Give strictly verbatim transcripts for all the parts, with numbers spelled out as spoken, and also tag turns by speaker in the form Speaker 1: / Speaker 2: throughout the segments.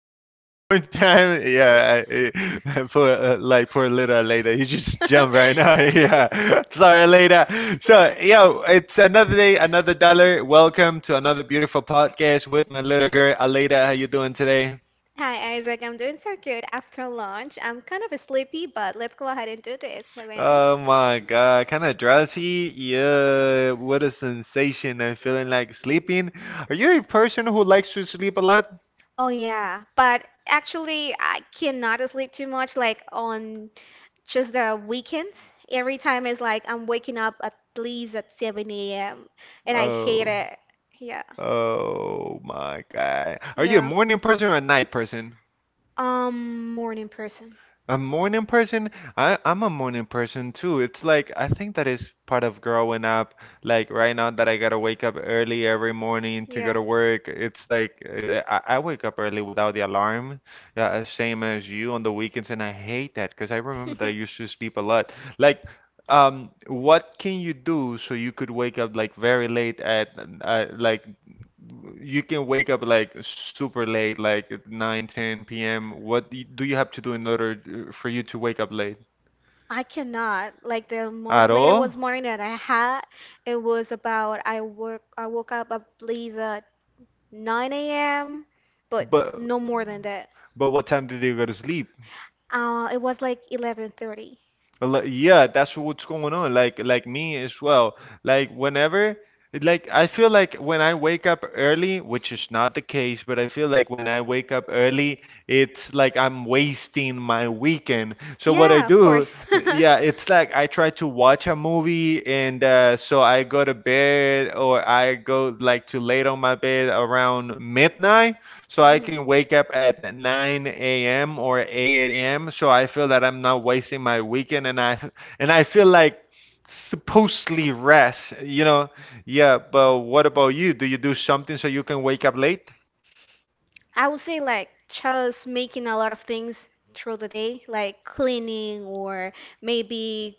Speaker 1: Isaac. One more time, yeah. I, I- poor, uh, like poor little Leda. He just jumped right now. Yeah. Sorry, Leda. So, yo, it's another day, another dollar. Welcome to another beautiful podcast with my little girl Aleda. How you doing today?
Speaker 2: Hi Isaac, I'm doing so good after lunch. I'm kind of sleepy, but let's go ahead and do this, okay?
Speaker 1: Oh my God, kind of drowsy. Yeah, what a sensation. I'm feeling like sleeping. Are you a person who likes to sleep a lot?
Speaker 2: Oh yeah, but actually I cannot sleep too much like on just the weekends. Every time it's like I'm waking up at least at seven a m and I hate
Speaker 1: Oh.
Speaker 2: it. Yeah.
Speaker 1: Oh my God. Are you a
Speaker 2: Yeah.
Speaker 1: morning person or a night person?
Speaker 2: Um, morning person.
Speaker 1: A morning person? I, I'm a morning person too. It's like I think that is part of growing up. Like right now that I gotta wake up early every morning to go
Speaker 2: Yeah.
Speaker 1: to work. It's like uh, I, I wake up early without the alarm. Yeah, same as you on the weekends, and I hate that because I remember that I used to sleep a lot. Like Um, what can you do so you could wake up like very late at uh, like you can wake up like super late, like at nine p m? What do you do you have to do in order uh, for you to wake up late?
Speaker 2: I cannot. Like the month
Speaker 1: At
Speaker 2: later
Speaker 1: all?
Speaker 2: was morning that I had, it was about I work I woke up at least at nine a m but
Speaker 1: But
Speaker 2: no more than that.
Speaker 1: but what time did you go to sleep?
Speaker 2: Uh, it was like eleven thirty.
Speaker 1: A lo- Yeah, that's what's going on. Like like me as well. Like whenever like I feel like when I wake up early, which is not the case, but I feel like when I wake up early, it's like I'm wasting my weekend. So what I
Speaker 2: Yeah, of
Speaker 1: do,
Speaker 2: course.
Speaker 1: yeah, it's like I try to watch a movie and uh, so I go to bed or I go like to late on my bed around midnight so I
Speaker 2: Mhm.
Speaker 1: can wake up at nine a m or eight a m. So I feel that I'm not wasting my weekend, and I and I feel like supposedly rest. You know, yeah. But what about you? Do you do something so you can wake up late?
Speaker 2: I would say like just making a lot of things through the day, like cleaning or maybe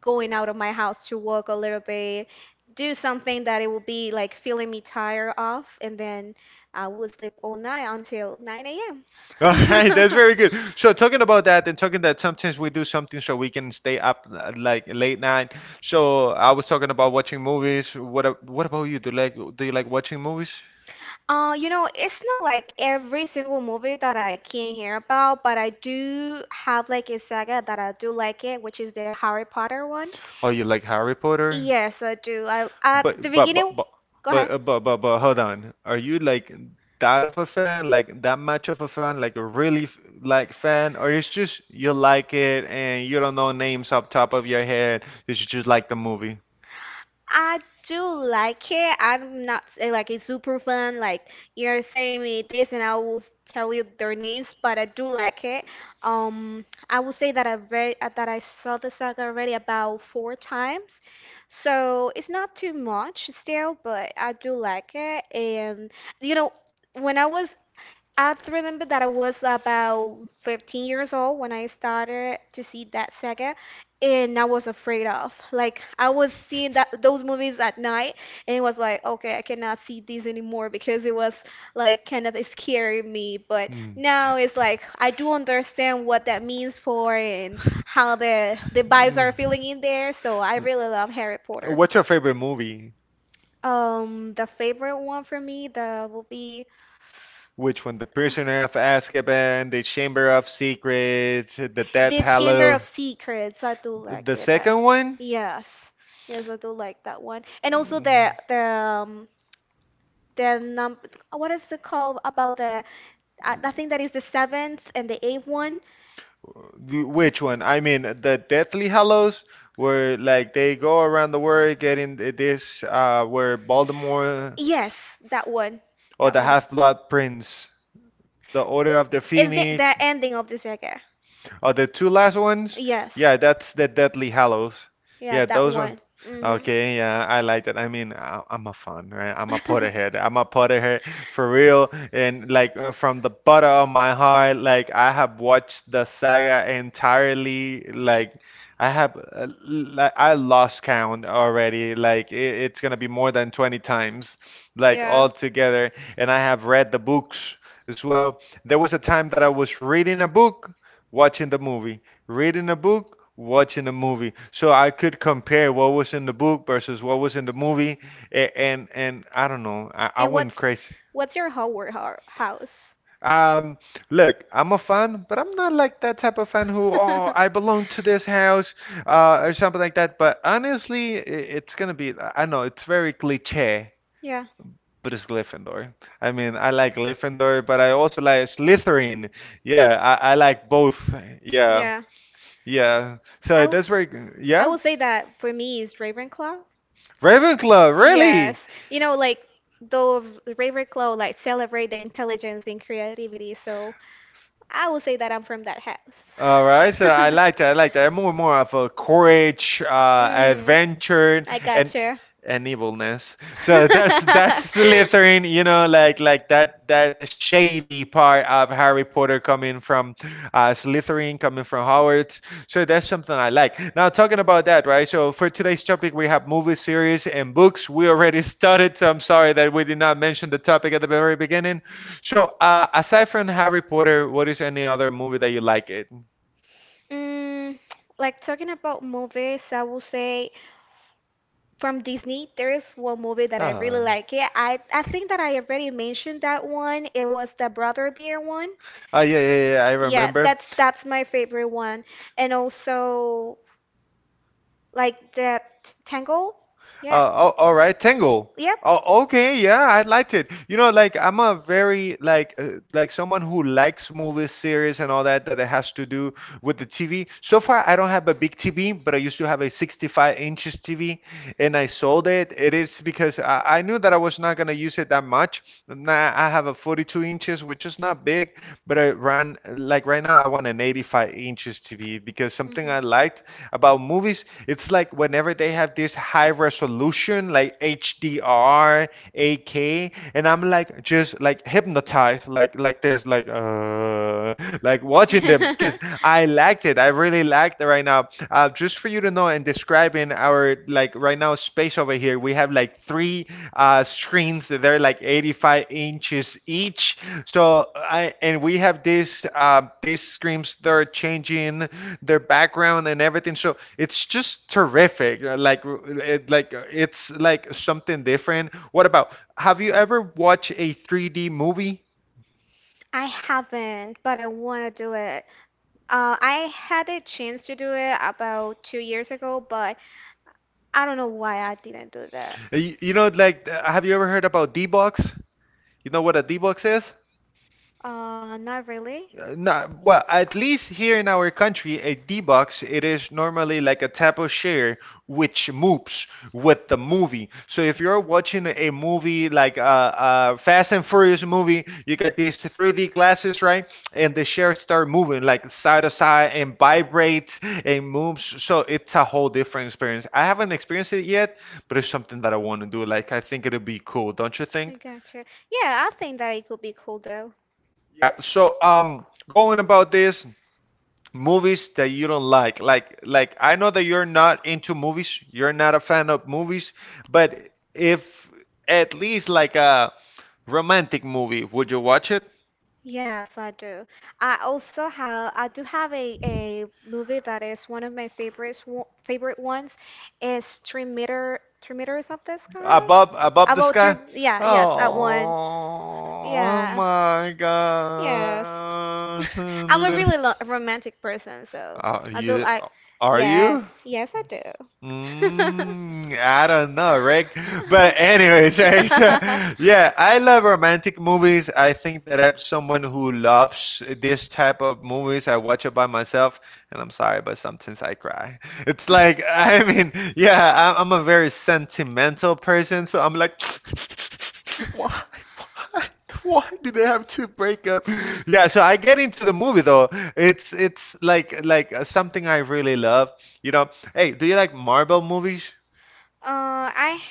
Speaker 2: going out of my house to walk a little bit, do something that it will be like feeling me tired of, and then I will sleep all night until nine a m
Speaker 1: All right, that's very good. So talking about that and talking that sometimes we do something so we can stay up uh, like late night. So I was talking about watching movies. What a- what about you? Do you like do you like watching movies?
Speaker 2: Uh, you know, it's not like every single movie that I can hear about, but I do have like a saga that I do like it, which is the Harry Potter one.
Speaker 1: Oh, you like Harry Potter?
Speaker 2: Yes, I do. I at the
Speaker 1: But but but
Speaker 2: beginning,
Speaker 1: but
Speaker 2: go
Speaker 1: but
Speaker 2: ahead.
Speaker 1: uh, but, but, but hold on. Are you like that of a fan, like that much of a fan, like a really f- like fan, or it's just you like it and you don't know names up top of your head, you should just like the movie?
Speaker 2: I do like it. I'm not say like it's super fun. Like you're saying me this, and I will tell you their names. But I do like it. Um, I would say that I read uh, that I saw the saga already about four times, so it's not too much still. But I do like it, and you know, when I was I remember that I was about fifteen years old when I started to see that saga, and I was afraid of. Like I was seeing that those movies at night, and it was like, okay, I cannot see this anymore because it was like kind of scaring me. But
Speaker 1: Mm.
Speaker 2: now it's like I do understand what that means for and how the the vibes
Speaker 1: Mm.
Speaker 2: are feeling in there. So I really love Harry Potter.
Speaker 1: What's your favorite movie?
Speaker 2: Um, the favorite one for me, that will be
Speaker 1: Which when The Prisoner of Azkaban, the Chamber of Secrets, the Death
Speaker 2: the Chamber
Speaker 1: Hallow,
Speaker 2: of Secrets, I do
Speaker 1: the
Speaker 2: like it. That,
Speaker 1: second one?
Speaker 2: yes, yes, I do like that one. And also
Speaker 1: Mm,
Speaker 2: the the um, the num what is it called about the I, I think that is the seventh and the eighth one.
Speaker 1: the- which one? I mean, the Deathly Hallows, where like they go around the world getting th- this, uh, where Baltimore,
Speaker 2: Yes, that one,
Speaker 1: or
Speaker 2: that
Speaker 1: the
Speaker 2: one.
Speaker 1: Half-Blood Prince, the Order of the
Speaker 2: Is the
Speaker 1: Phoenix,
Speaker 2: the ending of the saga?
Speaker 1: or the two last ones.
Speaker 2: Yes,
Speaker 1: Yeah, that's the Deathly Hallows.
Speaker 2: yeah,
Speaker 1: Yeah,
Speaker 2: that
Speaker 1: those ones.
Speaker 2: one. Mhm.
Speaker 1: Okay, yeah, I like that. I mean, I, I'm a fan, right? I'm a
Speaker 2: Man.
Speaker 1: Potterhead. I'm a Potterhead for real. And like uh, from the bottom of my heart, like I have watched the saga entirely. Like I have, uh, like I lost count already. Like it, it's gonna be more than twenty times, like
Speaker 2: Yeah.
Speaker 1: all together. And I have read the books as well. There was a time that I was reading a book, watching the movie, reading a book, watching a movie. So I could compare what was in the book versus what was in the movie, a- and and I don't know, I, I
Speaker 2: And what's
Speaker 1: went crazy.
Speaker 2: what's your Hogwarts ho- house?
Speaker 1: Um, Look, I'm a fan, but I'm not like that type of fan who, oh, I belong to this house, uh, or something like that. But honestly, i- it's gonna be, I I know it's very cliche,
Speaker 2: Yeah.
Speaker 1: but it's Gryffindor. I mean, I like Gryffindor, but I also like Slytherin. Yeah, I, I like both. Yeah.
Speaker 2: Yeah.
Speaker 1: Yeah.
Speaker 2: I
Speaker 1: So
Speaker 2: w-
Speaker 1: that's very,
Speaker 2: I
Speaker 1: yeah?
Speaker 2: will say that for me is Ravenclaw.
Speaker 1: Ravenclaw,
Speaker 2: Yes.
Speaker 1: really?
Speaker 2: You know, like though Ravenclaw like celebrate the intelligence and creativity, so I would say that I'm from that house.
Speaker 1: All right, so I like that. I like that. More more of a courage, uh,
Speaker 2: Mhm.
Speaker 1: adventure,
Speaker 2: I
Speaker 1: and
Speaker 2: got you.
Speaker 1: and evilness. So that's that's Slytherin, you know, like like that that shady part of Harry Potter coming from uh, Slytherin, coming from Hogwarts. So that's something I like. Now talking about that, right? So for today's topic, we have movie series and books. We already started, so I'm sorry that we did not mention the topic at the very beginning. So uh, aside from Harry Potter, what is any other movie that you like it?
Speaker 2: Mm, like talking about movies, I will say from Disney, there is one movie that I really
Speaker 1: Ah.
Speaker 2: like. Yeah, I I think that I already mentioned that one. It was the Brother Bear one.
Speaker 1: Ah, yeah, yeah, yeah, I
Speaker 2: Yeah,
Speaker 1: remember.
Speaker 2: that's that's my favorite one. And also like that tangle, yeah,
Speaker 1: Uh, oh, all right, Tangle.
Speaker 2: yep.
Speaker 1: Oh, okay, yeah, I liked it. You know, like I'm a very like uh, like someone who likes movies, series, and all that that it has to do with the T V. So far, I don't have a big T V, but I used to have a sixty-five inches T V, and I sold it. It is because I, I knew that I was not gonna use it that much. Now I have a forty-two inches, which is not big, but I ran like right now I want an eighty-five inches T V, because something I
Speaker 2: Hmm.
Speaker 1: liked about movies, it's like whenever they have this high resolution like H D R, eight K, and I'm like just like hypnotized, like like this, like uh like watching them, because I liked it. I really liked it right now. Uh, just for you to know and describing, our like right now space over here, we have like three uh screens that they're like eighty-five inches each, so I and we have this uh these screens, they're changing their background and everything, so it's just terrific. Uh, like it, like uh, it's like something different. What about, have you ever watched a three D movie?
Speaker 2: I haven't, but I want to do it. Uh, I had a chance to do it about two years ago, but I don't know why I didn't do that.
Speaker 1: Uh, you know like uh, have you ever heard about D-box? You know what a D-box is?
Speaker 2: Uh, not really.
Speaker 1: Uh, No, well, at least here in our country, a D-box, it is normally like a type of share which moves with the movie. So if you're watching a movie like a, a Fast and Furious movie, you got these three D glasses, right? And the shares start moving like side to side and vibrates and moves. So it's a whole different experience. I haven't experienced it yet, but it's something that I want to do. Like I think it'll be cool, don't you
Speaker 2: I
Speaker 1: think?
Speaker 2: gotcha. Yeah, I think that it could be cool though.
Speaker 1: Yeah, so um, going about this, movies that you don't like like like I know that you're not into movies, you're not a fan of movies, but if at least like a romantic movie, would you watch it
Speaker 2: Yes, I do. I also have I do have a, a movie that is one of my favorites wo- favorite ones is Three Meter Three Meters Up the Sky.
Speaker 1: above above the
Speaker 2: About three,
Speaker 1: sky?
Speaker 2: yeah, yeah, that one.
Speaker 1: Oh, oh
Speaker 2: Yeah.
Speaker 1: my
Speaker 2: Yes.
Speaker 1: God.
Speaker 2: I'm a
Speaker 1: Little-
Speaker 2: really lo romantic person, so
Speaker 1: uh,
Speaker 2: I do
Speaker 1: you
Speaker 2: like
Speaker 1: are
Speaker 2: yeah,
Speaker 1: you.
Speaker 2: yes I do.
Speaker 1: Mm, I don't know, Rick. But anyways, right? So, yeah, I love romantic movies. I think that I'm someone who loves this type of movies. I watch it by myself, and I'm sorry, but sometimes I cry. It's like, I mean, yeah, I- I'm a very sentimental person, so I'm like, why, why, why do they have to break up? Yeah, so I get into the movie though. It's it's like like uh, something I really love. You know, hey, do you like Marvel movies?
Speaker 2: Uh, I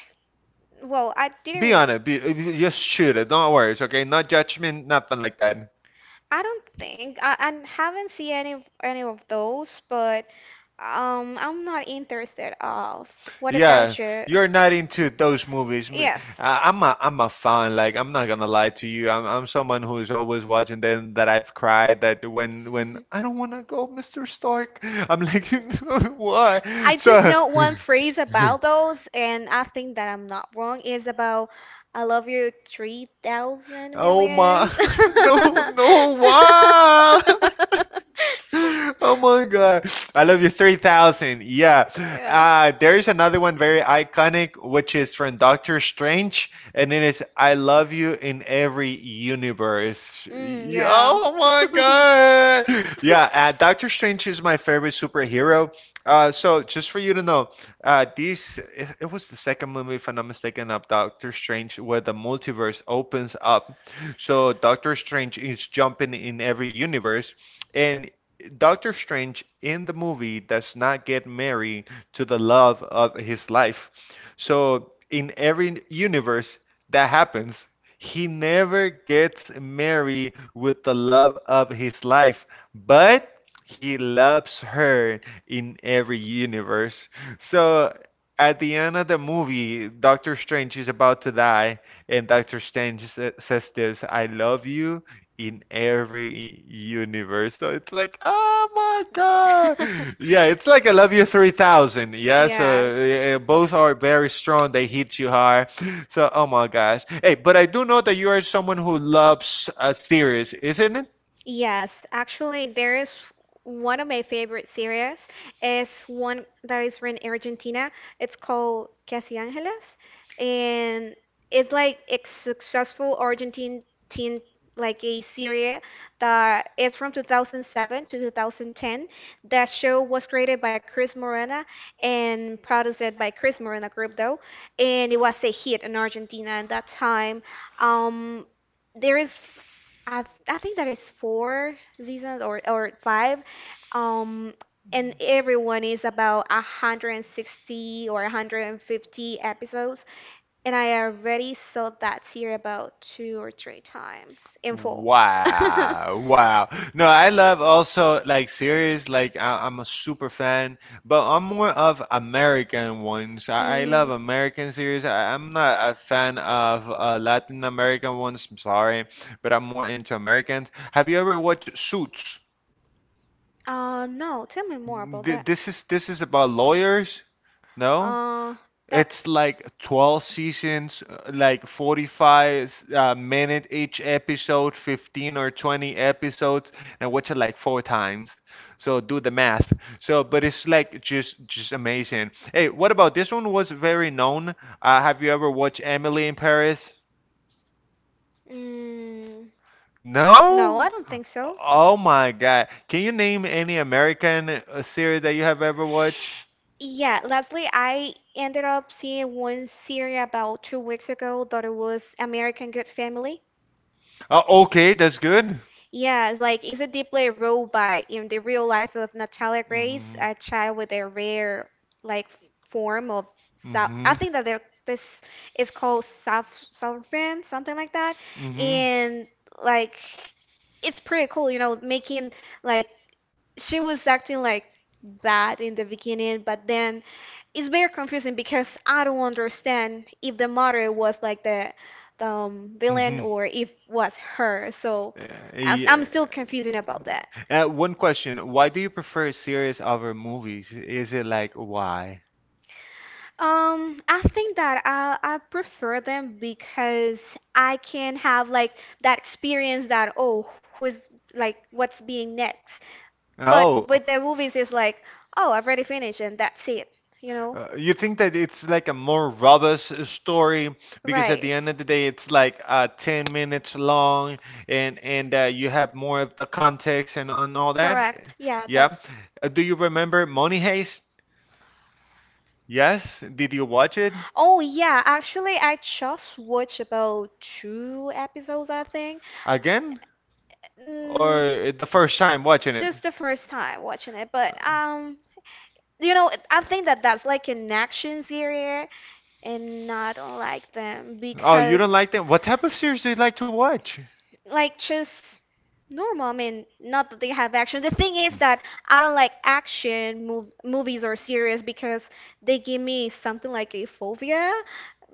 Speaker 2: well, I
Speaker 1: Be
Speaker 2: be
Speaker 1: on it. Be, just shoot it. Don't worry. It's okay. No judgment. Nothing like that.
Speaker 2: I don't think I, I haven't seen any of- any of those, but Um, I'm not interested of. What Yeah,
Speaker 1: Yeah,
Speaker 2: about you?
Speaker 1: you're not into those movies. Me-
Speaker 2: Yes.
Speaker 1: I- I'm a I'm a fan. Like I'm not gonna lie to you. I'm I'm someone who is always watching them. That I've cried. That when when I don't wanna go, Mister Stark. I'm like, why?
Speaker 2: I just
Speaker 1: So.
Speaker 2: know one phrase about those, and I think that I'm not wrong. Is about I love you three thousand
Speaker 1: Oh my!
Speaker 2: millions.
Speaker 1: No, no! Why? Oh my God. I love you three thousand. Yeah. Uh,
Speaker 2: Yeah.
Speaker 1: there is another one very iconic, which is from Doctor Strange, and it is, I love you in every universe.
Speaker 2: Mm.
Speaker 1: Yeah, oh my God. Yeah. Uh, Doctor Strange is my favorite superhero. Uh, so just for you to know, uh, these it it was the second movie, if I'm not mistaken, of Doctor Strange, where the multiverse opens up. So Doctor Strange is jumping in every universe. And Doctor Strange in the movie does not get married to the love of his life. So in every universe that happens, he never gets married with the love of his life, but he loves her in every universe. So at the end of the movie, Doctor Strange is about to die, and Doctor Strange sa- says this, I love you in every universe. So it's like, oh my God. Yeah, it's like I love you three thousand. Yeah, so
Speaker 2: Yes.
Speaker 1: uh, both are very strong. They hit you hard. So, oh my gosh. Hey, but I do know that you are someone who loves uh, series, isn't it?
Speaker 2: Yes, actually, there is one of my favorite series is one that is from Argentina. It's called Casi Ángeles, and it's like a successful Argentine teen, like a series that is from two thousand seven to twenty ten. That show was created by Chris Morena and produced by Chris Morena Group, though, and it was a hit in Argentina at that time. Um, there is. I th- I think that is four seasons or or five, um, and everyone is about one hundred sixty or one hundred fifty episodes, and I already saw that series about two or three times in full.
Speaker 1: Wow, wow. No, I love also like series. Like I, I'm a super fan, but I'm more of American ones. I, I love
Speaker 2: Mhm.
Speaker 1: American series. I, I'm not a fan of uh, Latin American ones. I'm sorry, but I'm more into Americans. Have you ever watched Suits?
Speaker 2: Uh, no, tell me more about
Speaker 1: Th-
Speaker 2: that.
Speaker 1: This is this is about lawyers no?
Speaker 2: Uh, that's.
Speaker 1: It's like twelve seasons, uh, like forty-five uh, minute each episode, fifteen or twenty episodes, and I watch it like four times. So do the math. So, but it's like just just amazing. Hey, what about this one was very known. Uh, have you ever watched Emily in Paris?
Speaker 2: Mm. No,
Speaker 1: No?
Speaker 2: I don't think so.
Speaker 1: Oh my God. Can you name any American uh, series that you have ever watched?
Speaker 2: Yeah, Leslie, I ended up seeing one series about two weeks ago that it was American Good Family.
Speaker 1: Uh, okay, that's good.
Speaker 2: Yeah, it's like it's a deeply role by in the real life of Natalia Grace,
Speaker 1: Mhm.
Speaker 2: a child with a rare like f- form of so
Speaker 1: Mm-hmm.
Speaker 2: I think that they're- this is called self sovereign, something like that
Speaker 1: Mm-hmm.
Speaker 2: and like it's pretty cool, you know, making like she was acting like bad in the beginning, but then it's very confusing because I don't understand if the mother was like the the um, villain
Speaker 1: Mm-hmm.
Speaker 2: or if was her. So
Speaker 1: Uh,
Speaker 2: as,
Speaker 1: Yeah.
Speaker 2: I'm still confusing about that.
Speaker 1: Uh, one question. Why do you prefer series over movies? Is it like why?
Speaker 2: Um, I think that I I prefer them because I can have like that experience that oh who's like what's being next.
Speaker 1: Oh.
Speaker 2: But with their movies, it's like, oh, I've already finished and that's it, you know?
Speaker 1: Uh, you think that it's like a more robust story because at
Speaker 2: Right.
Speaker 1: the end of the day it's like uh, ten minutes long and and uh, you have more of the context and, and all that?
Speaker 2: Correct. Yeah,
Speaker 1: Yeah.
Speaker 2: that's.
Speaker 1: Uh, do you remember Money Heist? Yes. Did you watch it?
Speaker 2: Oh, yeah, actually, I just watched about two episodes, I think.
Speaker 1: Again? Or
Speaker 2: Mm,
Speaker 1: it- the first time watching it?
Speaker 2: just the first time watching it, but um, you know, I think that that's like an action series, and I don't like them
Speaker 1: Oh, you
Speaker 2: because
Speaker 1: don't like them? What type of series do you like to watch?
Speaker 2: like just normal. I mean, not that they have action. The thing is that I don't like action mov- movies or series because they give me something like a phobia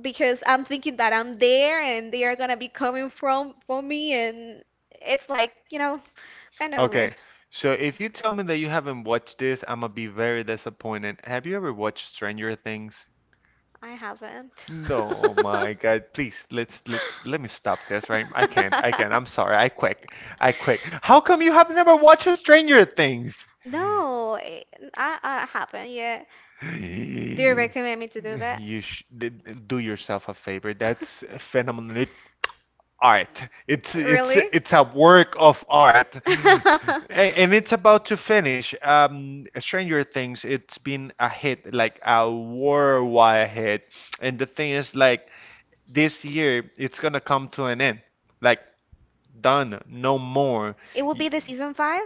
Speaker 2: because I'm thinking that I'm there and they are gonna be coming from for me and it's like, you know, kind of weird.
Speaker 1: Okay, so if you tell me that you haven't watched this, I'm gonna be very disappointed. Have you ever watched Stranger Things?
Speaker 2: I haven't.
Speaker 1: No, oh my God, please, let's let's let me stop this, right? I can't, I can't. I'm sorry. I quit. I quit. How come you have never watched Stranger Things?
Speaker 2: No, eh, I, I haven't yet. Do you recommend me to do that?
Speaker 1: You sh did, do yourself a favor. That's phenomenal art. It's it's
Speaker 2: Really?
Speaker 1: it's a work of art, A- and it's about to finish. Um, Stranger Things. It's been a hit, like a worldwide hit. And the thing is, like this year, it's gonna come to an end. Like done, no more.
Speaker 2: It will be the season five?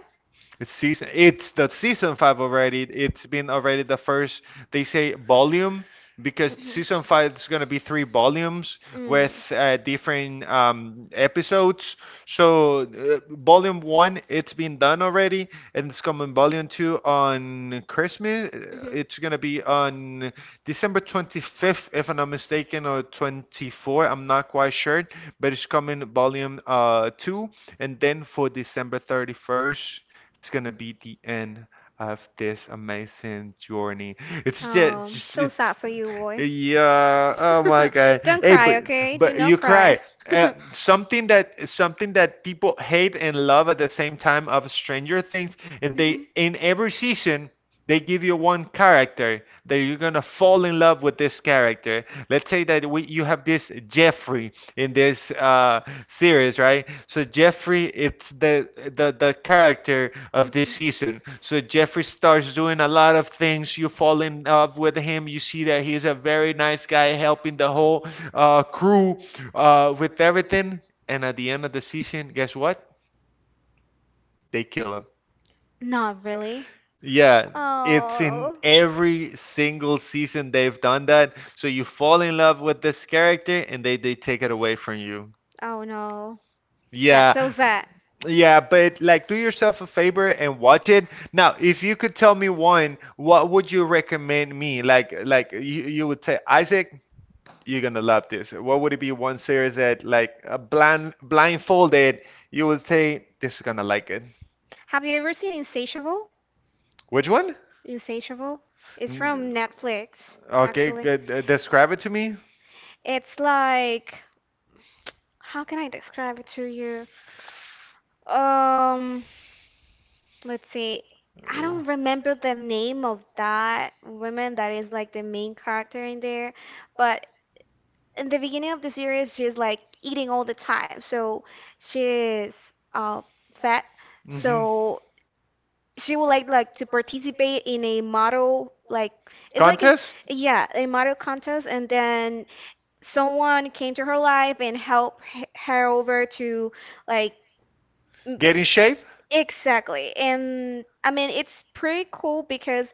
Speaker 1: It's season. It's the season five already. It's been already the first. They say volume because
Speaker 2: Mhm.
Speaker 1: season five is gonna be three volumes
Speaker 2: Mm. Mhm.
Speaker 1: with uh, different um, episodes. So uh, volume one, it's been done already, and it's coming volume two on Christmas. uh, It's gonna be on December twenty-fifth, if I'm not mistaken, or twenty-fourth. I'm not quite sure, but it's coming volume uh two, and then for December thirty-first it's gonna be the end of this amazing journey. It's just,
Speaker 2: Oh,
Speaker 1: just
Speaker 2: so sad
Speaker 1: it's
Speaker 2: for you, boy.
Speaker 1: yeah. Oh my God.
Speaker 2: Don't
Speaker 1: Hey, but
Speaker 2: cry, okay? Do
Speaker 1: but
Speaker 2: not
Speaker 1: you
Speaker 2: cry.
Speaker 1: cry. Uh, something that something that people hate and love at the same time of Stranger Things, and they in every season. They give you one character that you're gonna fall in love with this character. Let's say that we you have this Jeffrey in this uh, series, right? So Jeffrey, it's the, the the character of this season. So Jeffrey starts doing a lot of things. You fall in love with him. You see that he's a very nice guy, helping the whole uh, crew uh, with everything. And at the end of the season, guess what? They kill him.
Speaker 2: Not really.
Speaker 1: Yeah, it's in every single season they've done that. So you fall in love with this character, and they they take it away from you.
Speaker 2: Oh no.
Speaker 1: Yeah.
Speaker 2: So sad.
Speaker 1: Yeah, but like do yourself a favor and watch it. Now, if you could tell me one, what would you recommend me? Like like you, you would say, Isaac, you're gonna love this. What would it be one series that like uh, blind blindfolded, you would say this is gonna like it.
Speaker 2: Have you ever seen Insatiable?
Speaker 1: Which one?
Speaker 2: Insatiable? It's from
Speaker 1: N-
Speaker 2: Netflix.
Speaker 1: Okay, good. Uh, Describe it to me.
Speaker 2: It's like how can I describe it to you? Um, let's see. I
Speaker 1: Oh.
Speaker 2: don't remember the name of that woman that is like the main character in there, but in the beginning of the series, she's like eating all the time, so she's uh fat,
Speaker 1: Mhm.
Speaker 2: so she would like like to participate in a model like it's like a
Speaker 1: Contest?
Speaker 2: yeah a model contest, and then someone came to her life and helped h- her over to like
Speaker 1: Get in shape?
Speaker 2: Exactly. And I mean, it's pretty cool because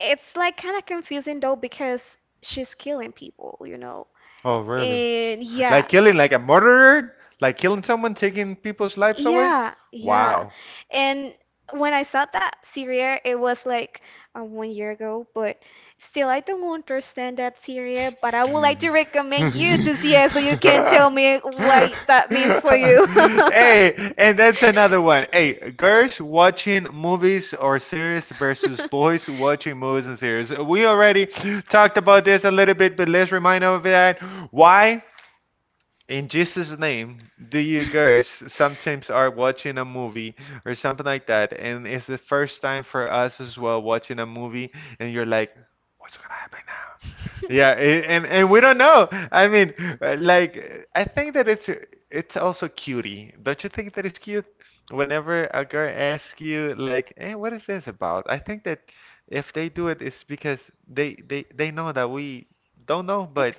Speaker 2: it's like kind of confusing though because she's killing people, you know.
Speaker 1: Oh, really?
Speaker 2: And
Speaker 1: Like
Speaker 2: yeah.
Speaker 1: killing, like a murderer? Like killing someone, taking people's lives away?
Speaker 2: Yeah, yeah.
Speaker 1: Wow.
Speaker 2: And when I saw that Syria, it was like uh, one year ago, but still, I don't understand that Syria. But I would like to
Speaker 1: Hey,
Speaker 2: recommend you to see it so you can tell me what that means for you.
Speaker 1: and that's another one. Hey, girls watching movies or series versus boys watching movies and series. We already talked about this a little bit, but let's remind of that. Why in Jesus' name, do you guys sometimes are watching a movie or something like that, and it's the first time for us as well watching a movie, and you're like, what's gonna happen now? Yeah, a- and and we don't know. I mean, uh, like uh, I think that it's it's also cutie. Don't you think that it's cute? Whenever a girl asks you like, "Hey, what is this about?" I think that if they do it, it's because they they they know that we don't know, but.
Speaker 2: Ex-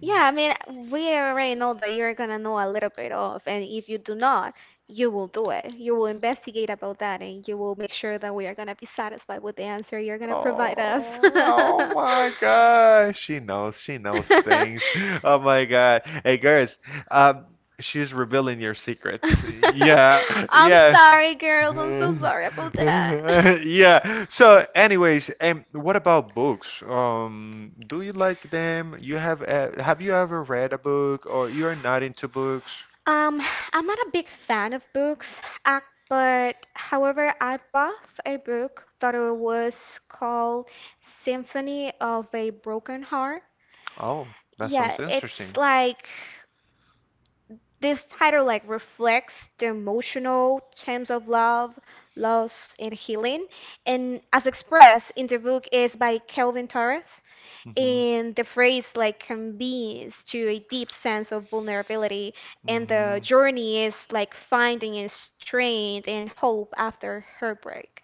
Speaker 2: Yeah, I mean, we already know that you're gonna know a little bit of, and if you do not, you will do it. You will investigate about that, and you will make sure that we are gonna be satisfied with the answer you're gonna provide us.
Speaker 1: Oh, oh my gosh. She knows. She knows things. Oh my God. Hey, girls, um, she's revealing your secrets. Yeah,
Speaker 2: I'm
Speaker 1: yeah.
Speaker 2: sorry, girls. I'm so sorry about that.
Speaker 1: Yeah. So, anyways, and what about books? Um, do you like them? You have uh, have you ever read a book or you're not into books?
Speaker 2: Um, I'm not a big fan of books, ac- but however, I bought a book that it was called Symphony of a Broken Heart.
Speaker 1: Oh, that
Speaker 2: Yeah,
Speaker 1: sounds interesting.
Speaker 2: it's like this title like reflects the emotional themes of love, loss, and healing, and as expressed in the book is by Kelvin Torres.
Speaker 1: Mm-hmm.
Speaker 2: And the phrase like convenes to a deep sense of vulnerability, and the
Speaker 1: Mm-hmm.
Speaker 2: journey is like finding a strength and hope after heartbreak.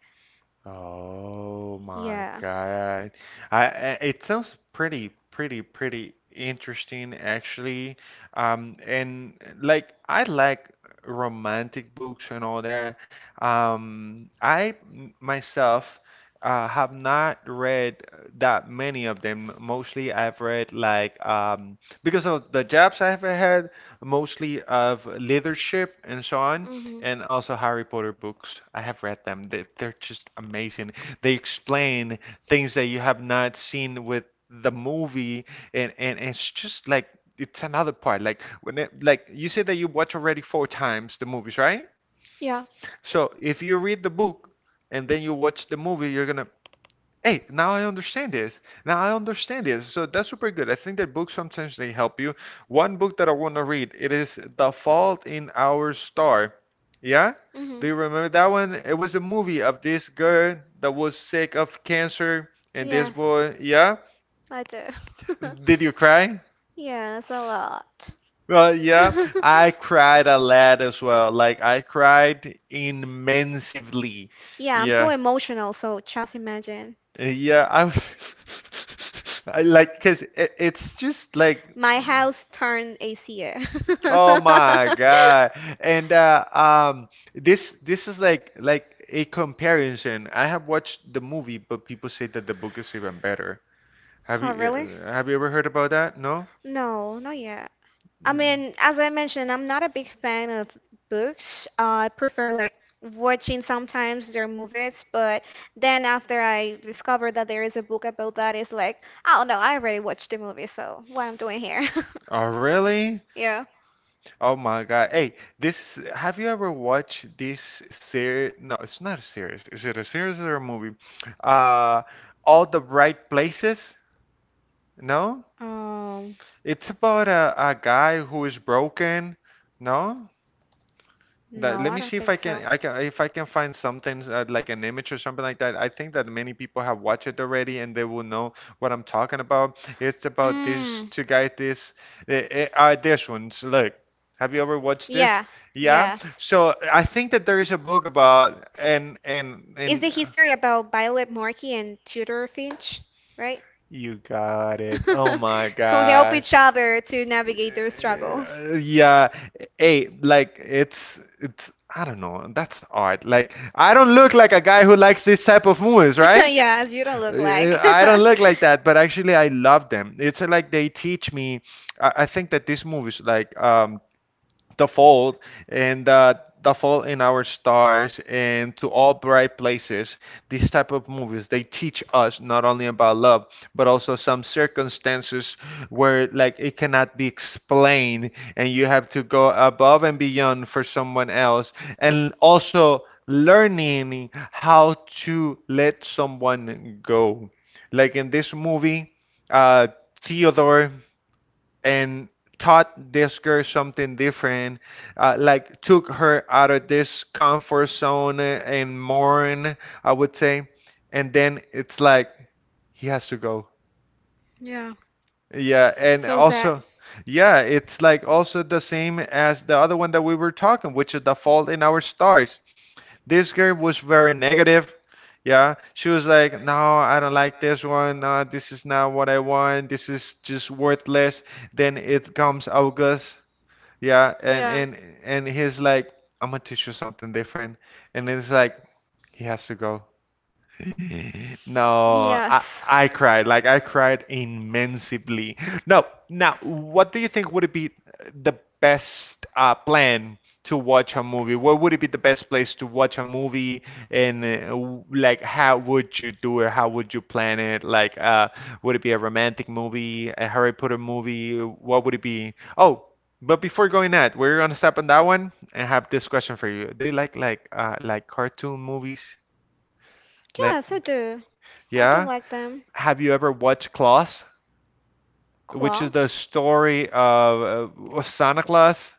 Speaker 1: Oh my
Speaker 2: Yeah.
Speaker 1: God. I, I- it sounds pretty, pretty, pretty interesting actually. Um, and like I like romantic books and all that. Um, I m- myself uh, have not read that many of them. Mostly I've read like um, because of the jobs I've had, mostly of leadership and so on
Speaker 2: Mhm.
Speaker 1: and also Harry Potter books. I have read them. They, they're just amazing. They explain things that you have not seen with the movie, and, and it's just like it's another part. Like when it, like you said that you watch already four times the movies, right?
Speaker 2: Yeah.
Speaker 1: So if you read the book and then you watch the movie, you're gonna, hey, now I understand this. Now I understand this. So that's super good. I think that books sometimes they help you. One book that I want to read, it is The Fault in Our Star. Yeah?
Speaker 2: Hmm.
Speaker 1: Do you remember that one? It was a movie of this girl that was sick of cancer and this
Speaker 2: Yes.
Speaker 1: boy. Yeah?
Speaker 2: I do.
Speaker 1: Did you cry?
Speaker 2: Yes, a lot.
Speaker 1: Well, yeah, I cried a lot as well. Like I cried immensely.
Speaker 2: Yeah, I'm so
Speaker 1: Yeah.
Speaker 2: emotional, so just imagine.
Speaker 1: Uh, Yeah, I I like cuz it, it's just like
Speaker 2: My house turned A C.
Speaker 1: Oh my God. And uh, um, this this is like like a comparison. I have watched the movie, but people say that the book is even better. Have
Speaker 2: Oh,
Speaker 1: you
Speaker 2: really?
Speaker 1: uh, have you ever heard about that? No?
Speaker 2: No, not yet. I
Speaker 1: Mm.
Speaker 2: mean, as I mentioned, I'm not a big fan of books. I prefer like watching sometimes their movies, but then after I discovered that there is a book about that, it's like, oh no, I already watched the movie, so what I'm doing here?
Speaker 1: Oh, really?
Speaker 2: Yeah.
Speaker 1: Oh my God. Hey, this, have you ever watched this series? No, it's not a series. Is it a series or a movie? Uh, All the Right Places? No?
Speaker 2: Um,
Speaker 1: It's about a, a guy who is broken. No? That,
Speaker 2: no,
Speaker 1: let
Speaker 2: I
Speaker 1: me
Speaker 2: don't
Speaker 1: see if
Speaker 2: think
Speaker 1: I
Speaker 2: so.
Speaker 1: can I can if I can find something uh, like an image or something like that. I think that many people have watched it already and they will know what I'm talking about. It's about these
Speaker 2: Mm.
Speaker 1: two guys. This uh, uh, uh, this ones. Look, have you ever watched
Speaker 2: Yeah.
Speaker 1: this? Yeah.
Speaker 2: Yes.
Speaker 1: So I think that there is a book about and and
Speaker 2: Is
Speaker 1: and.
Speaker 2: the
Speaker 1: uh,
Speaker 2: history about Violet Markey and Tudor Finch, right?
Speaker 1: You got it. Oh my
Speaker 2: Who help
Speaker 1: gosh.
Speaker 2: each other to navigate their struggles.
Speaker 1: Uh, yeah, hey, like it's it's I don't know. That's odd. Like I don't look like a guy who likes this type of movies, right?
Speaker 2: Yes, you don't look
Speaker 1: Uh,
Speaker 2: like.
Speaker 1: I don't look like that, but actually I love them. It's like they teach me. I, I think that these movies, like um, the fold and uh, the fault in our stars and to all bright places these type of movies they teach us not only about love but also some circumstances where like it cannot be explained and you have to go above and beyond for someone else and also learning how to let someone go like in this movie uh theodore and taught this girl something different, uh, like took her out of this comfort zone and mourn, I would say. And then it's like he has to go.
Speaker 2: Yeah.
Speaker 1: Yeah, and
Speaker 2: So sad.
Speaker 1: also, yeah, it's like also the same as the other one that we were talking, which is the fault in our stars. This girl was very negative. Yeah, she was like, no, I don't like this one. Uh, this is not what I want. This is just worthless. Then it comes August. Yeah, and
Speaker 2: Yeah.
Speaker 1: and and he's like, I'm gonna teach you something different, and it's like he has to go. No, I,
Speaker 2: Yes.
Speaker 1: I cried. Like I cried immensely. No, now what do you think would it be the best uh, plan to watch a movie? Where would it be the best place to watch a movie? And uh, w- like, how would you do it? How would you plan it? Like, uh, would it be a romantic movie, a Harry Potter movie? What would it be? Oh, but before going that, we're gonna stop on that one and have this question for you. Do you like like uh, like cartoon movies? Like.
Speaker 2: Yes, I do. I do
Speaker 1: Yeah.
Speaker 2: like them.
Speaker 1: Have you ever watched Klaus, which is
Speaker 2: Claws?
Speaker 1: the story of uh, Santa Claus?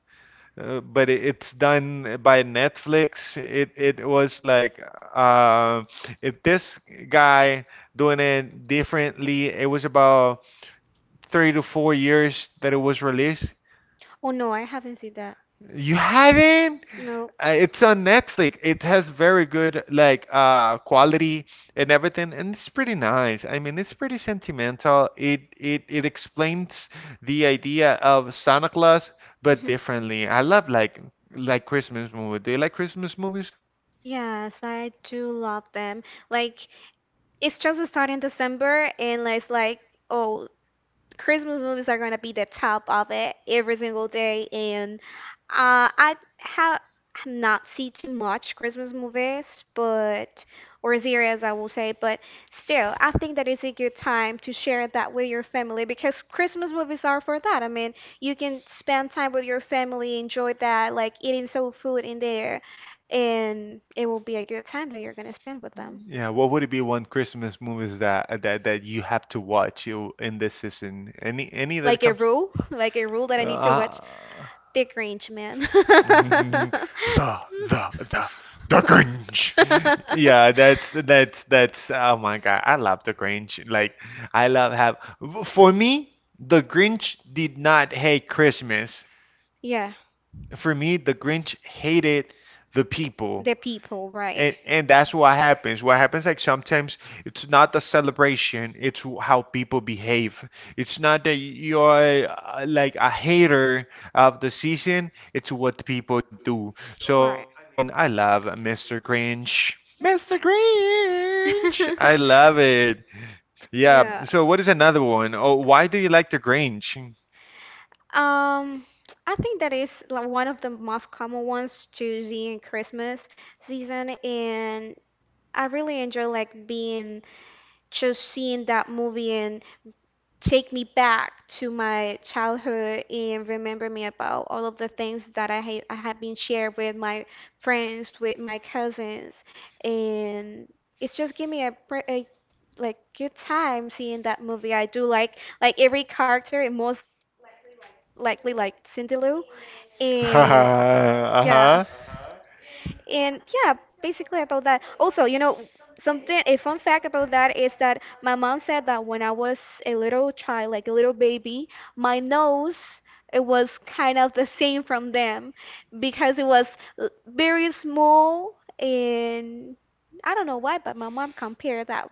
Speaker 1: Uh, but it, it's done by Netflix. It it was like uh, if this guy doing it differently. It was about three to four years that it was released.
Speaker 2: Oh no, I haven't seen that.
Speaker 1: You haven't?
Speaker 2: No.
Speaker 1: Uh, It's on Netflix. It has very good like uh quality and everything, and it's pretty nice. I mean, it's pretty sentimental. It it it explains the idea of Santa Claus but
Speaker 2: Hmm.
Speaker 1: differently. I love like like Christmas movies. Do you like Christmas movies?
Speaker 2: Yes, I do love them. Like it's just starting December and it's like oh Christmas movies are gonna be the top of it every single day, and uh, I have have not seen too much Christmas movies, but or series, I will say, but still, I think that is a good time to share that with your family because Christmas movies are for that. I mean, you can spend time with your family, enjoy that, like eating some food in there, and it will be a good time that you're gonna spend with them.
Speaker 1: Yeah, what would it be one Christmas movies that that that you have to watch you in this season? Any any that
Speaker 2: Like a
Speaker 1: comes?
Speaker 2: rule, like a rule that I need to watch
Speaker 1: Uh,
Speaker 2: Dick Range Man.
Speaker 1: the the the the Grinch. Yeah, that's that's that's oh my God, I love the Grinch. Like I love have for me, the Grinch did not hate Christmas.
Speaker 2: Yeah,
Speaker 1: For me, the Grinch hated the people.
Speaker 2: the people, right.
Speaker 1: And and that's what happens. What happens like sometimes it's not the celebration, it's w- how people behave. It's not that you're uh, like a hater of the season, it's what people do. So
Speaker 2: Correct.
Speaker 1: I I mean, I love Mister Grinch. Mister Grinch. I love it. Yeah.
Speaker 2: Yeah.
Speaker 1: So what is another one? Oh, why do you like the Grinch?
Speaker 2: Um, I think that is like one of the most common ones to see in Christmas season, and I really enjoy like being just seeing that movie and take me back to my childhood and remember me about all of the things that I, ha- I have been shared with my friends, with my cousins, and it's just give me a, pre- a like good time seeing that movie. I do like like every character, and most likely like Cindy Lou, and yeah.
Speaker 1: Uh-huh.
Speaker 2: And yeah, basically about that. Also, you know, something a fun fact about that is that my mom said that when I was a little child, like a little baby, my nose it was kind of the same from them because it was l- very small and I don't know why, but my mom compared that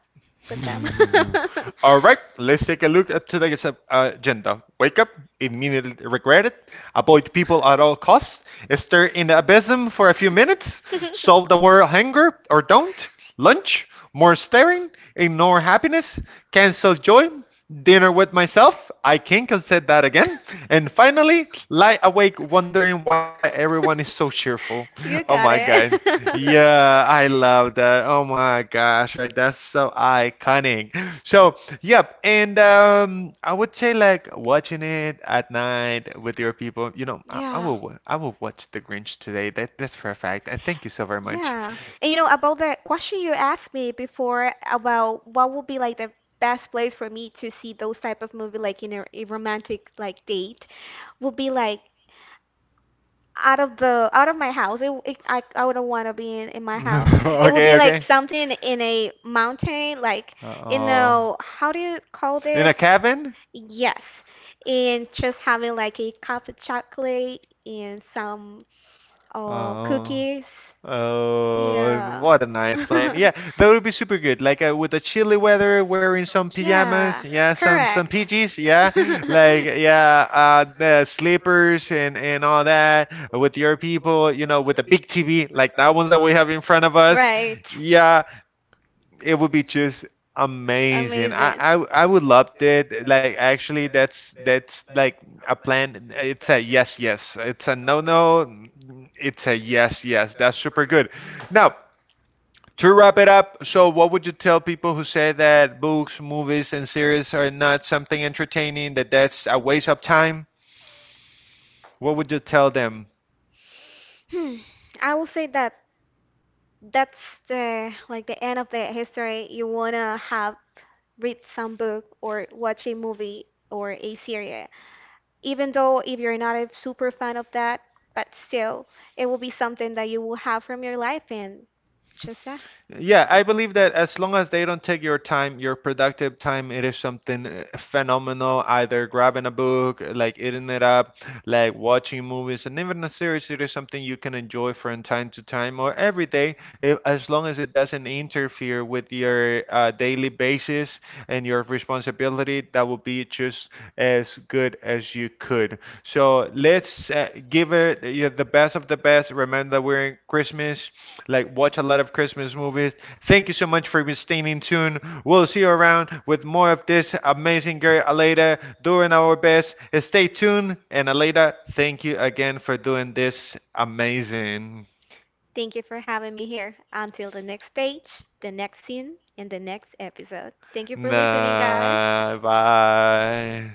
Speaker 2: with them.
Speaker 1: أمم. All right, let's take a look at today's uh, agenda. Wake up, immediately regret it, avoid people at all costs, stir in the abysm for a few minutes, solve the world hunger or don't, lunch, more staring, ignore happiness, cancel joy, dinner with myself, I can't say that again, and finally, lie awake wondering why everyone is so cheerful. Oh
Speaker 2: You
Speaker 1: my
Speaker 2: got
Speaker 1: god.
Speaker 2: it.
Speaker 1: Yeah, I love that. Oh my gosh, right? That's so iconic. So, yep, and um, I would say like watching it at night with your people. You know, I, I
Speaker 2: Yeah.
Speaker 1: will wa- I will watch The Grinch today. That that's for a fact. And thank you so very much.
Speaker 2: Yeah. And you know, about the question you asked me before about what would be like the best place for me to see those type of movie like in a, a romantic like date would be like out of the out of my house. It, it I I wouldn't want to be in, in my house. It would
Speaker 1: Okay,
Speaker 2: be like
Speaker 1: okay.
Speaker 2: something in a mountain, like you
Speaker 1: Uh-oh.
Speaker 2: know, how do you call
Speaker 1: In
Speaker 2: this?
Speaker 1: a cabin?
Speaker 2: Yes. And just having like a cup of chocolate and some Oh,
Speaker 1: Oh.
Speaker 2: cookies.
Speaker 1: Oh,
Speaker 2: Yeah.
Speaker 1: what a nice plan. Yeah, that would be super good. Like uh, with the chilly weather, wearing some pajamas,
Speaker 2: Yeah,
Speaker 1: yeah, some some
Speaker 2: correct.
Speaker 1: P Js, yeah. Like yeah, uh the slippers and and all that with your people, you know, with the big T V, like that ones that we have in front of us.
Speaker 2: Right.
Speaker 1: Yeah, it would be just amazing. I,
Speaker 2: Amazing.
Speaker 1: I I would love it. Like actually, that's that's like a plan. It's a yes, yes. It's a no, no. It's a yes, yes. That's super good. Now to wrap it up. So what would you tell people who say that books, movies, and series are not something entertaining? That that's a waste of time. What would you tell them?
Speaker 2: Hmm. I will say that that's the like the end of the history. You wanna have read some book or watch a movie or a series even though if you're not a super fan of that, but still, it will be something that you will have from your life and just that.
Speaker 1: Yeah, I believe that as long as they don't take your time, your productive time, it is something uh, phenomenal. Either grabbing a book, like eating it up, like watching movies, and even a series, it is something you can enjoy from time to time or every day, if, as long as it doesn't interfere with your uh, daily basis and your responsibility, that will be just as good as you could. So let's uh, give it uh, the best of the best. Remember that we're in Christmas like watch a lot of Christmas movies. Thank you so much for staying in tune. We'll see you around with more of this amazing girl Aleda doing our best. Stay tuned and Aleda, thank you again for doing this amazing.
Speaker 2: Thank you for having me here. Until the next page, the next scene, and the next episode. Thank you for listening, guys.
Speaker 1: Nah, bye.